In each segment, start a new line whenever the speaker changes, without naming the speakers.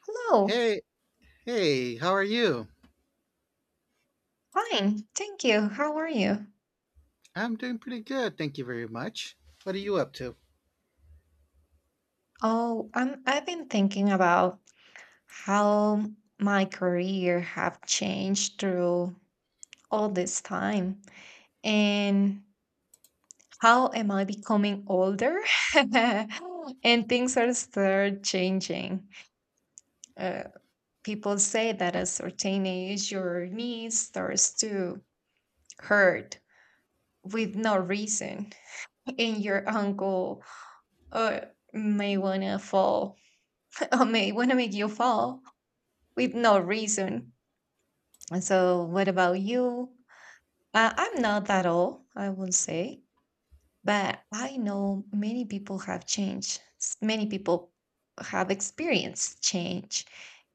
Hello.
Hey, hey, how are you?
Fine. Thank you. How are you?
I'm doing pretty good, thank you very much. What are you up to?
Oh, I've been thinking about how my career have changed through all this time and how am I becoming older? and things are start changing. Uh, People say that at a certain age, your knees starts to hurt with no reason and your ankle uh, may want to fall or may want to make you fall with no reason. And so, what about you? I'm not at all, I will say, but I know many people have changed. Many people have experienced change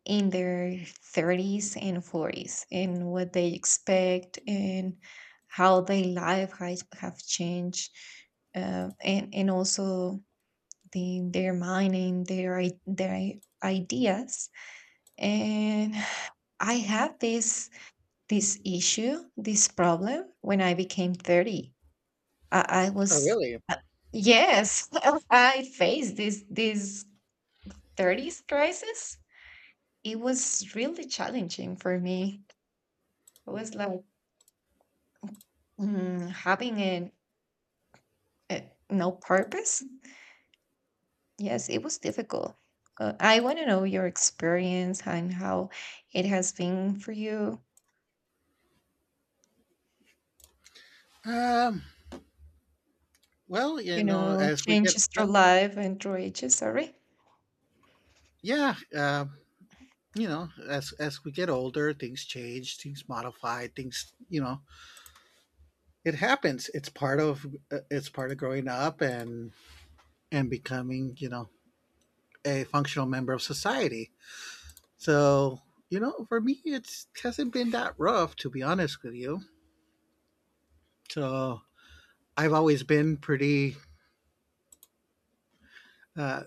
in their 30s and 40s and what they expect and how their life has have changed, and also their mind and their their ideas. And I had this issue, this problem when I became 30. I
Oh,
was
really?
uh, yes, I faced this 30s crisis. It was really challenging for me. It was like having a no purpose. Yes, it was difficult. I want to know your experience and how it has been for you.
Um, well,
You know,
as we get,
changes through life and through ages. Sorry.
yeah, as we get older, things change, things modify, things, it happens. It's part of growing up and becoming, a functional member of society. So, you know, for me, it's hasn't been that rough, to be honest with you. So, I've always been pretty. Uh,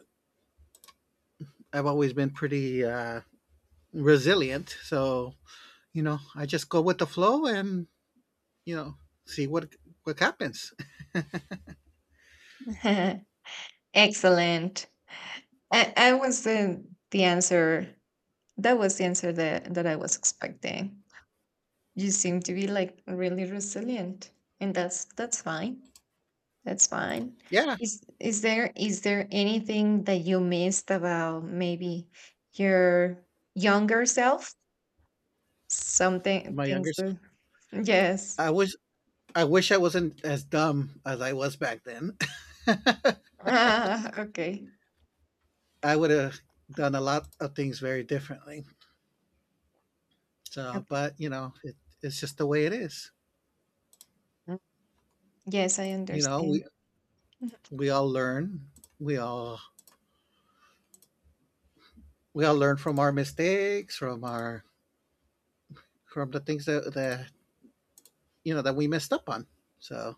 I've always been pretty resilient. So you know, I just go with the flow and you know see what happens.
Excellent. I was the answer. That was the answer that I was expecting. You seem to be like really resilient, and that's fine. That's fine.
Yeah,
Is there anything that you missed about maybe your younger self? Something
my younger.
things.
Son.
Yes.
I wish I wish I wasn't as dumb as I was back then.
Ah, okay.
I would have done a lot of things very differently. So,
Okay.
but it's just the way it is.
Mm. Yes, I
You know,
understand.
we all learn. We all we all learn from our mistakes, from our from the things that that we messed up on. So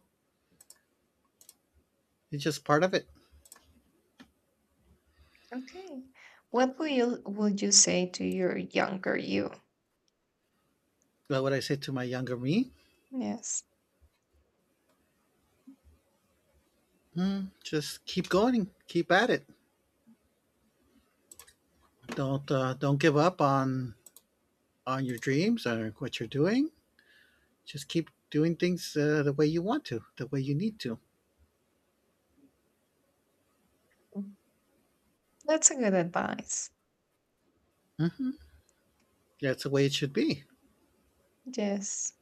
it's just part of it.
Okay. What will you would you say to your younger you?
But what I say to my younger me?
Yes.
Hmm, just keep going, keep at it. Don't give up on your dreams or what you're doing. Just keep doing things the way you want to, the way you need to.
That's a good advice.
That's the way it should be.
Yes.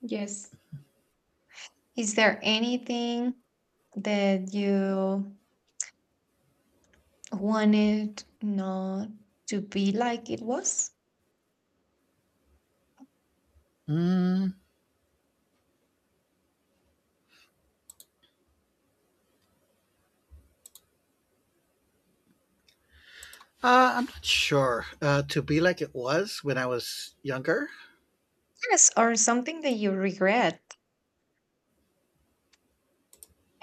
Yes. Is there anything that you wanted not to be like it was?
Mm, I'm not sure. To be like it was when I was younger,
Yes, or something that you regret?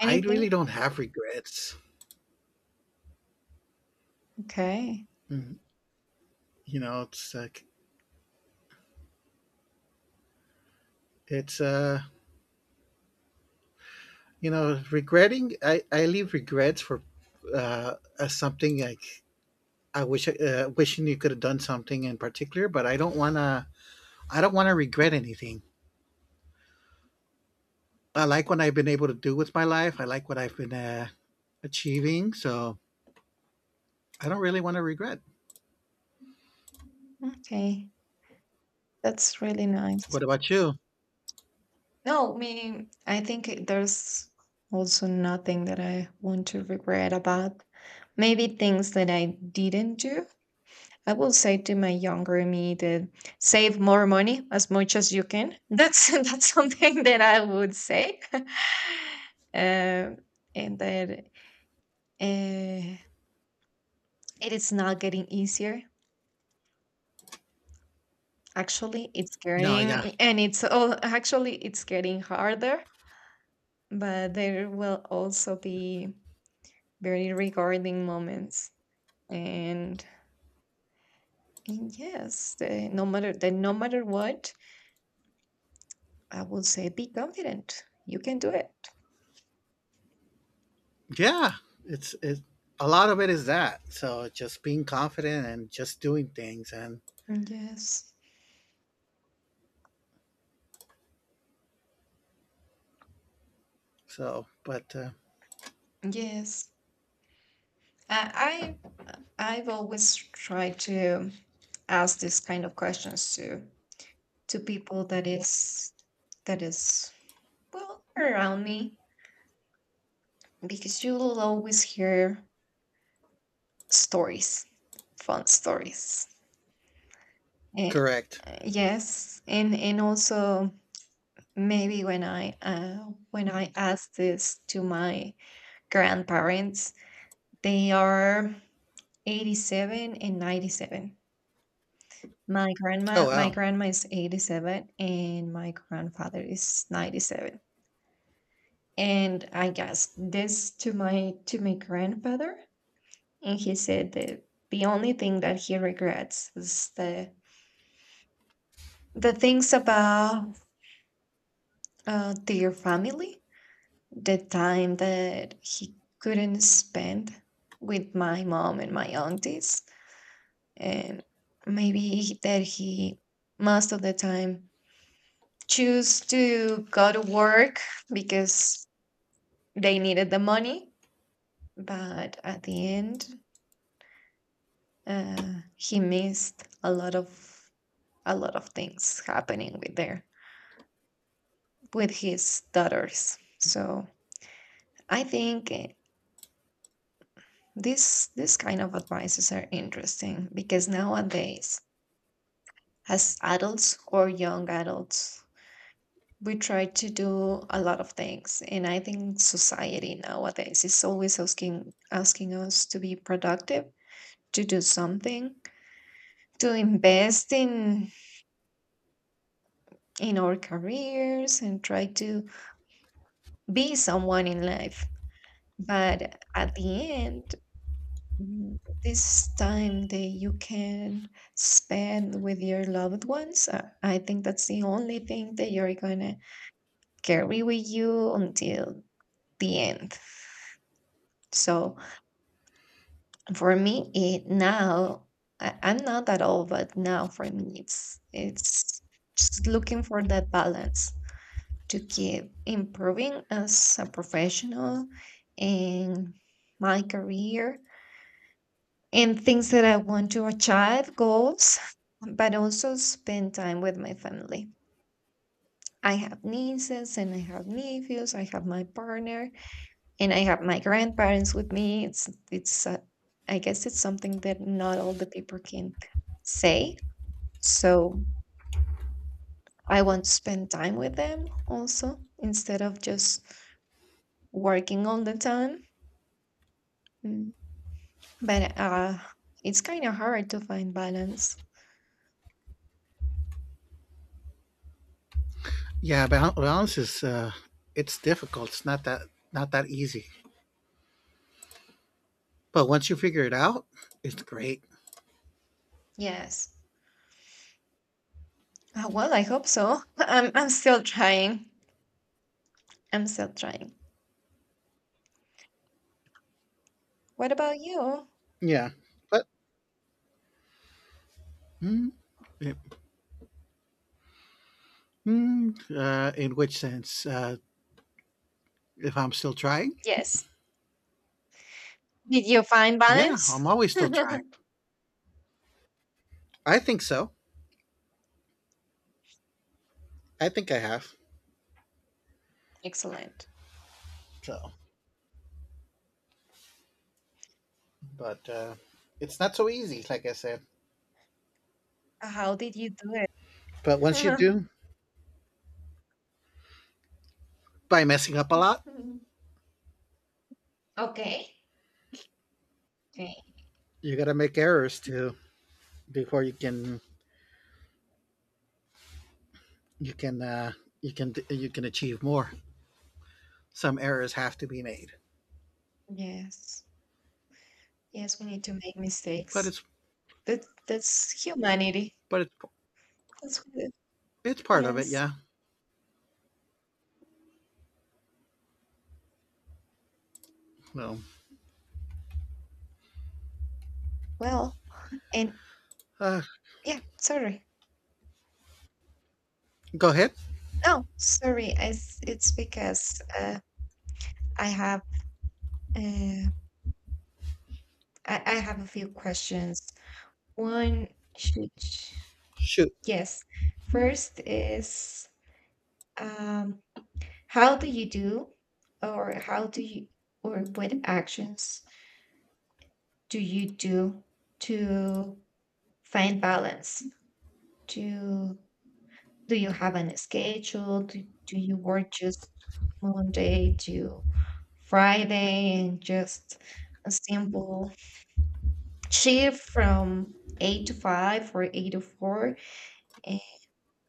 I really don't have regrets.
Okay.
Mm, you know, it's like it's you know, regretting. I leave regrets for as something like I wish wishing you could have done something in particular, but I don't want to. I don't want to regret anything. I like what I've been able to do with my life. I like what I've been achieving, so I don't really want to regret.
Okay. That's really nice.
What about you?
No, I mean, I think there's also nothing that I want to regret about. Maybe things that I didn't do I will say to my younger me that save more money as much as you can. That's that's something that I would say, and that uh, it is not getting easier. Actually, it's
No, yeah,
getting and it's all actually it's getting harder. But there will also be very rewarding moments, and, and yes, no matter what, I will say, be confident. You can do it.
yeah. It's it. A lot of it is that. So just being confident and just doing things, and
Yes,
so. But
yes. Uh, I I've always tried to ask this kind of questions to people that is well around me because you will always hear stories, fun stories. Eh,
correct.
yes, and also maybe when I ask this to my grandparents. They are 87 and 97. My
Oh
grandma my
wow.
grandma is 87 and my grandfather is 97. And I asked this to my grandfather, and he said that the only thing that he regrets is the things about, their family, the time that he couldn't spend with my mom and my aunties, and maybe that he most of the time choose to go to work because they needed the money. But at the end, he missed a lot of things happening with his daughters. So I think, this kind of advices are interesting because nowadays, as adults or young adults, we try to do a lot of things, and I think society nowadays is always asking us to be productive, to do something, to invest in our careers and try to be someone in life. But at the end, mm, this time that you can spend with your loved ones, I think that's the only thing that you're gonna carry with you until the end. So for me, it now, I'm not at all, but now for me, it's just looking for that balance to keep improving as a professional in my career and things that I want to achieve, goals, but also spend time with my family. I have nieces and I have nephews. I have my partner, and I have my grandparents with me. It's I guess it's something that not all the people can say. So I want to spend time with them also instead of just working all the time. Mm. But it's kind of hard to find balance.
Yeah, balance is. It's difficult. It's not that easy. But once you figure it out, it's great.
Yes. Well, I hope so. I'm still trying. I'm still trying. What about you?
Yeah. But Yep. Hmm, in which sense? If I'm still trying?
Yes. Did you find
Yeah, I'm
balance?
always still trying. I think so. I think I have.
Excellent.
So, but it's not so easy, like I said.
How did you do it?
But once you do, by messing up a lot,
Mm. Okay. Okay.
you got to make errors too before you can you can you can you can achieve more. Some errors have to be made,
Yes. Yes, we need to make
but
mistakes.
it's
That's humanity.
but
That's what
it's part of it.
yes.
Yeah. No.
Well, and
Uh,
yeah, sorry.
go ahead.
No, sorry. It's because I have, uh, I have a few questions. One should,
Shoot.
yes. First is, um, how do you do, or how do you, or what actions do you do to find balance? Do do you have an schedule? Do you work just Monday to Friday and just a simple shift from eight to five or eight to four? And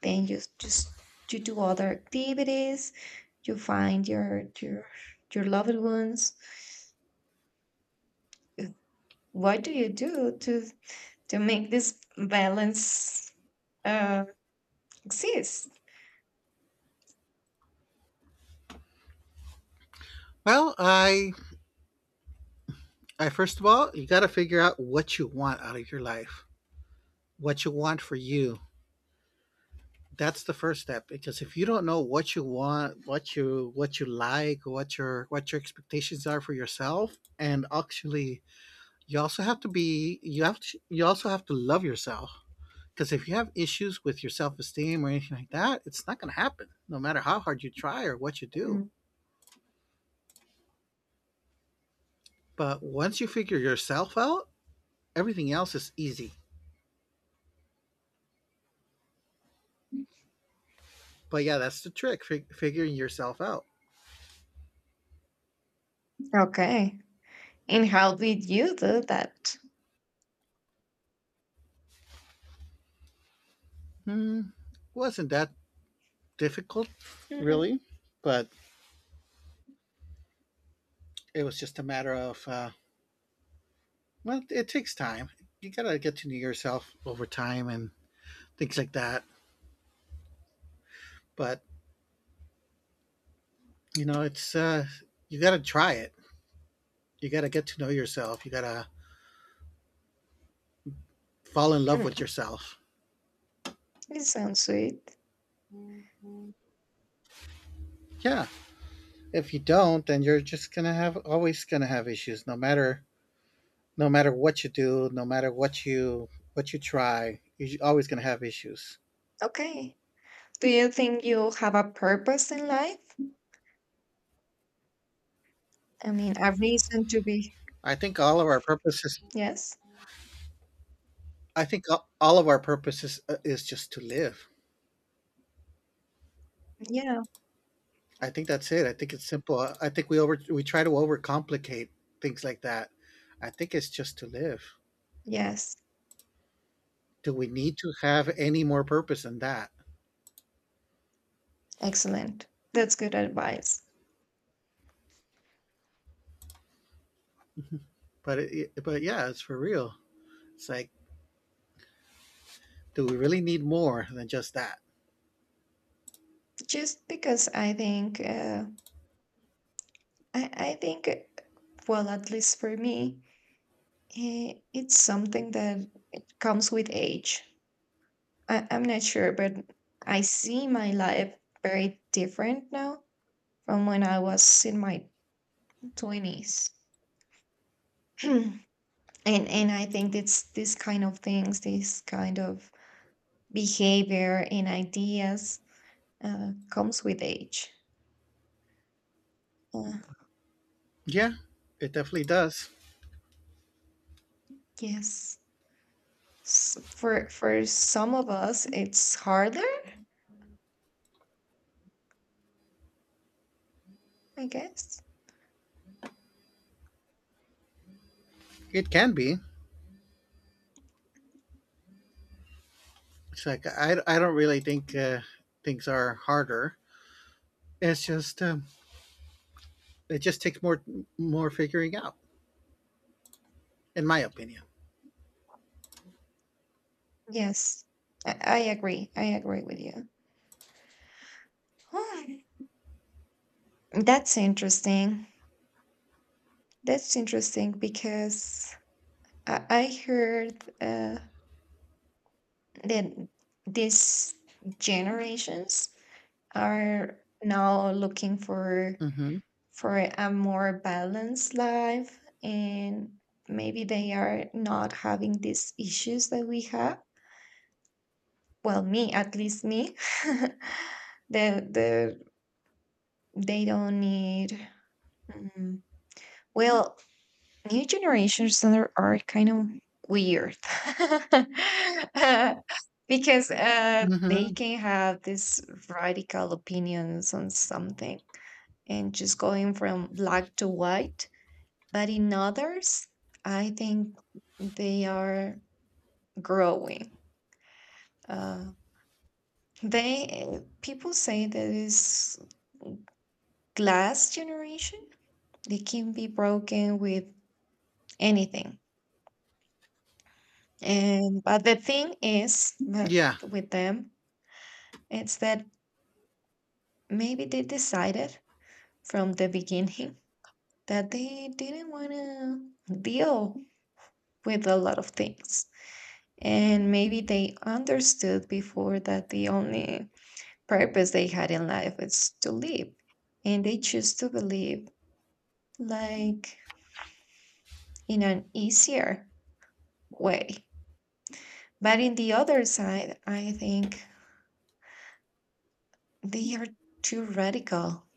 then you do other activities, you find your loved ones. What do you do to make this balance, uh, exist?
Well, I All right, first of all, you got to figure out what you want out of your life, what you want for you. That's the first step because if you don't know what you want, what you like, what your expectations are for yourself, and actually, you have to, you also have to love yourself because if you have issues with your self esteem or anything like that, it's not going to happen no matter how hard you try or what you do.
Mm.
But once you figure yourself out, everything else is easy. But yeah, that's the trick: figuring yourself out.
Okay. And how did you do that?
Hmm. Wasn't that difficult,
Mhm.
really, but it was just a matter of well, it takes time. You gotta get to know yourself over time and things like that. But you know, it's you gotta try it. You gotta get to know yourself. You gotta fall in love with
Mm,
yourself.
it sounds sweet.
Yeah, if you don't, then you're just gonna have always gonna have issues, no matter no matter what you do, no matter what you try, you're always gonna have issues.
Okay. Do you think you have a purpose in life? I mean, a reason to be.
I think all of our purposes
Yes.
I think all of our purpose is just to live.
Yeah.
I think that's it. I think it's simple. I think we over we try to overcomplicate things like that. I think it's just to live.
Yes.
Do we need to have any more purpose than that?
Excellent. That's good advice.
But it, but yeah, it's for real. It's like, do we really need more than just that?
Just because I think, I think, well, at least for me, it's something that it comes with age. I'm not sure, but I see my life very different now from when I was in my 20s and I think it's this kind of behavior and ideas, comes with age. uh,
Yeah, it definitely does.
yes. For some of us it's harder, I guess.
It can be. It's like I don't really think things are harder. It's just it just takes more more figuring out, in my opinion.
Yes. I agree with you. Huh. That's interesting. That's interesting because I heard, uh, that these generations are now looking
Mm-hmm.
for a more balanced life, and maybe they are not having these issues that we have, well, me, at least me. the the they don't need, mm, well, new generations are kind of weird, because they
Mm-hmm.
can have these radical opinions on something and just going from black to white. But in others, I think they are growing. Uh, they people say that is glass generation. They can be broken with anything, and but the thing is that
Yeah.
with them, it's that maybe they decided from the beginning that they didn't want to deal with a lot of things. And maybe they understood before that the only purpose they had in life is to live. And they choose to believe, like, in an easier way. But in the other side, I think they are too radical.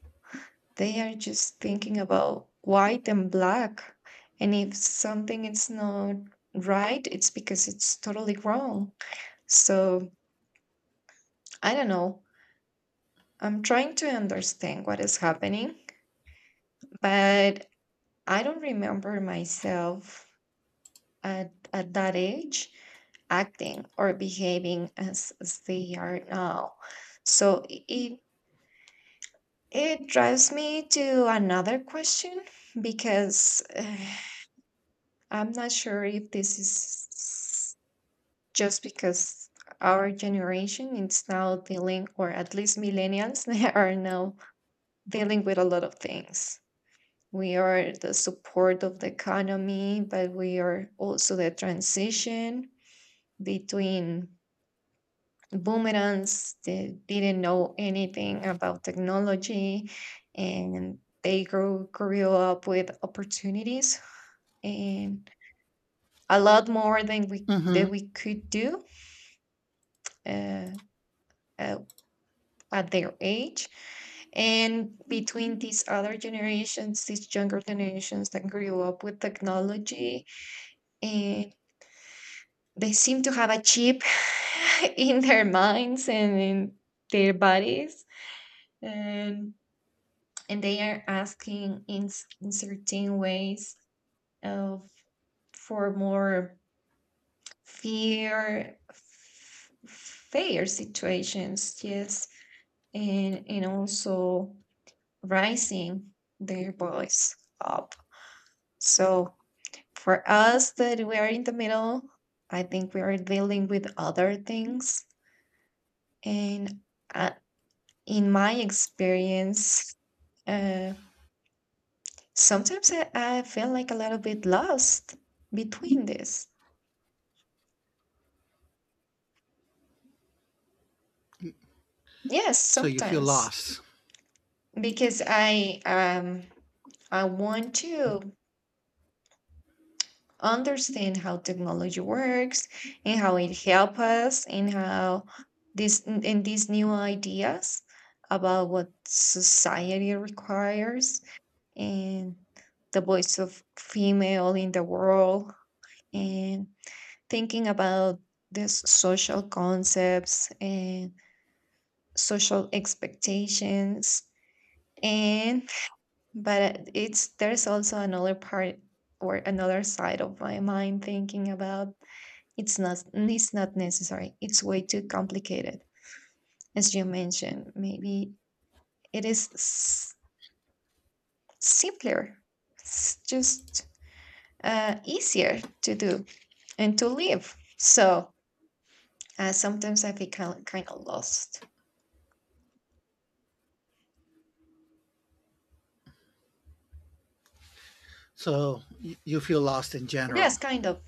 They are just thinking about white and black. And if something is not right, it's because it's totally wrong. So I don't know. I'm trying to understand what is happening, but I don't remember myself at that age acting or behaving as they are now. So it drives me to another question because, I'm not sure if this is just because our generation is now dealing, or at least millennials, they are now dealing with a lot of things. We are the support of the economy, but we are also the transition between boomerangs that didn't know anything about technology, and they grew up with opportunities and a lot more than
Hmm.
we could do uh, uh, at their age, and between these younger generations that grew up with technology. uh, they seem to have a chip in their minds and in their bodies, and and they are asking, in certain ways, of for more fair situations. Yes, and also rising their voice up. So for us that we are in the middle, I think we are dealing with other things. And, uh, in my experience, uh, sometimes I feel like a little bit lost between this. Yes,
So you feel
sometimes
lost.
because I want to understand how technology works and how it helps us and how this and these new ideas about what society requires, and the voice of female in the world, and thinking about these social concepts and social expectations, and but it's there's also another part or another side of my mind thinking about it's not necessary. It's way too complicated. As you mentioned, maybe it is, simpler. It's just, easier to do and to live. So, sometimes I feel kind of lost.
So you feel lost in
Yes,
general.
kind of.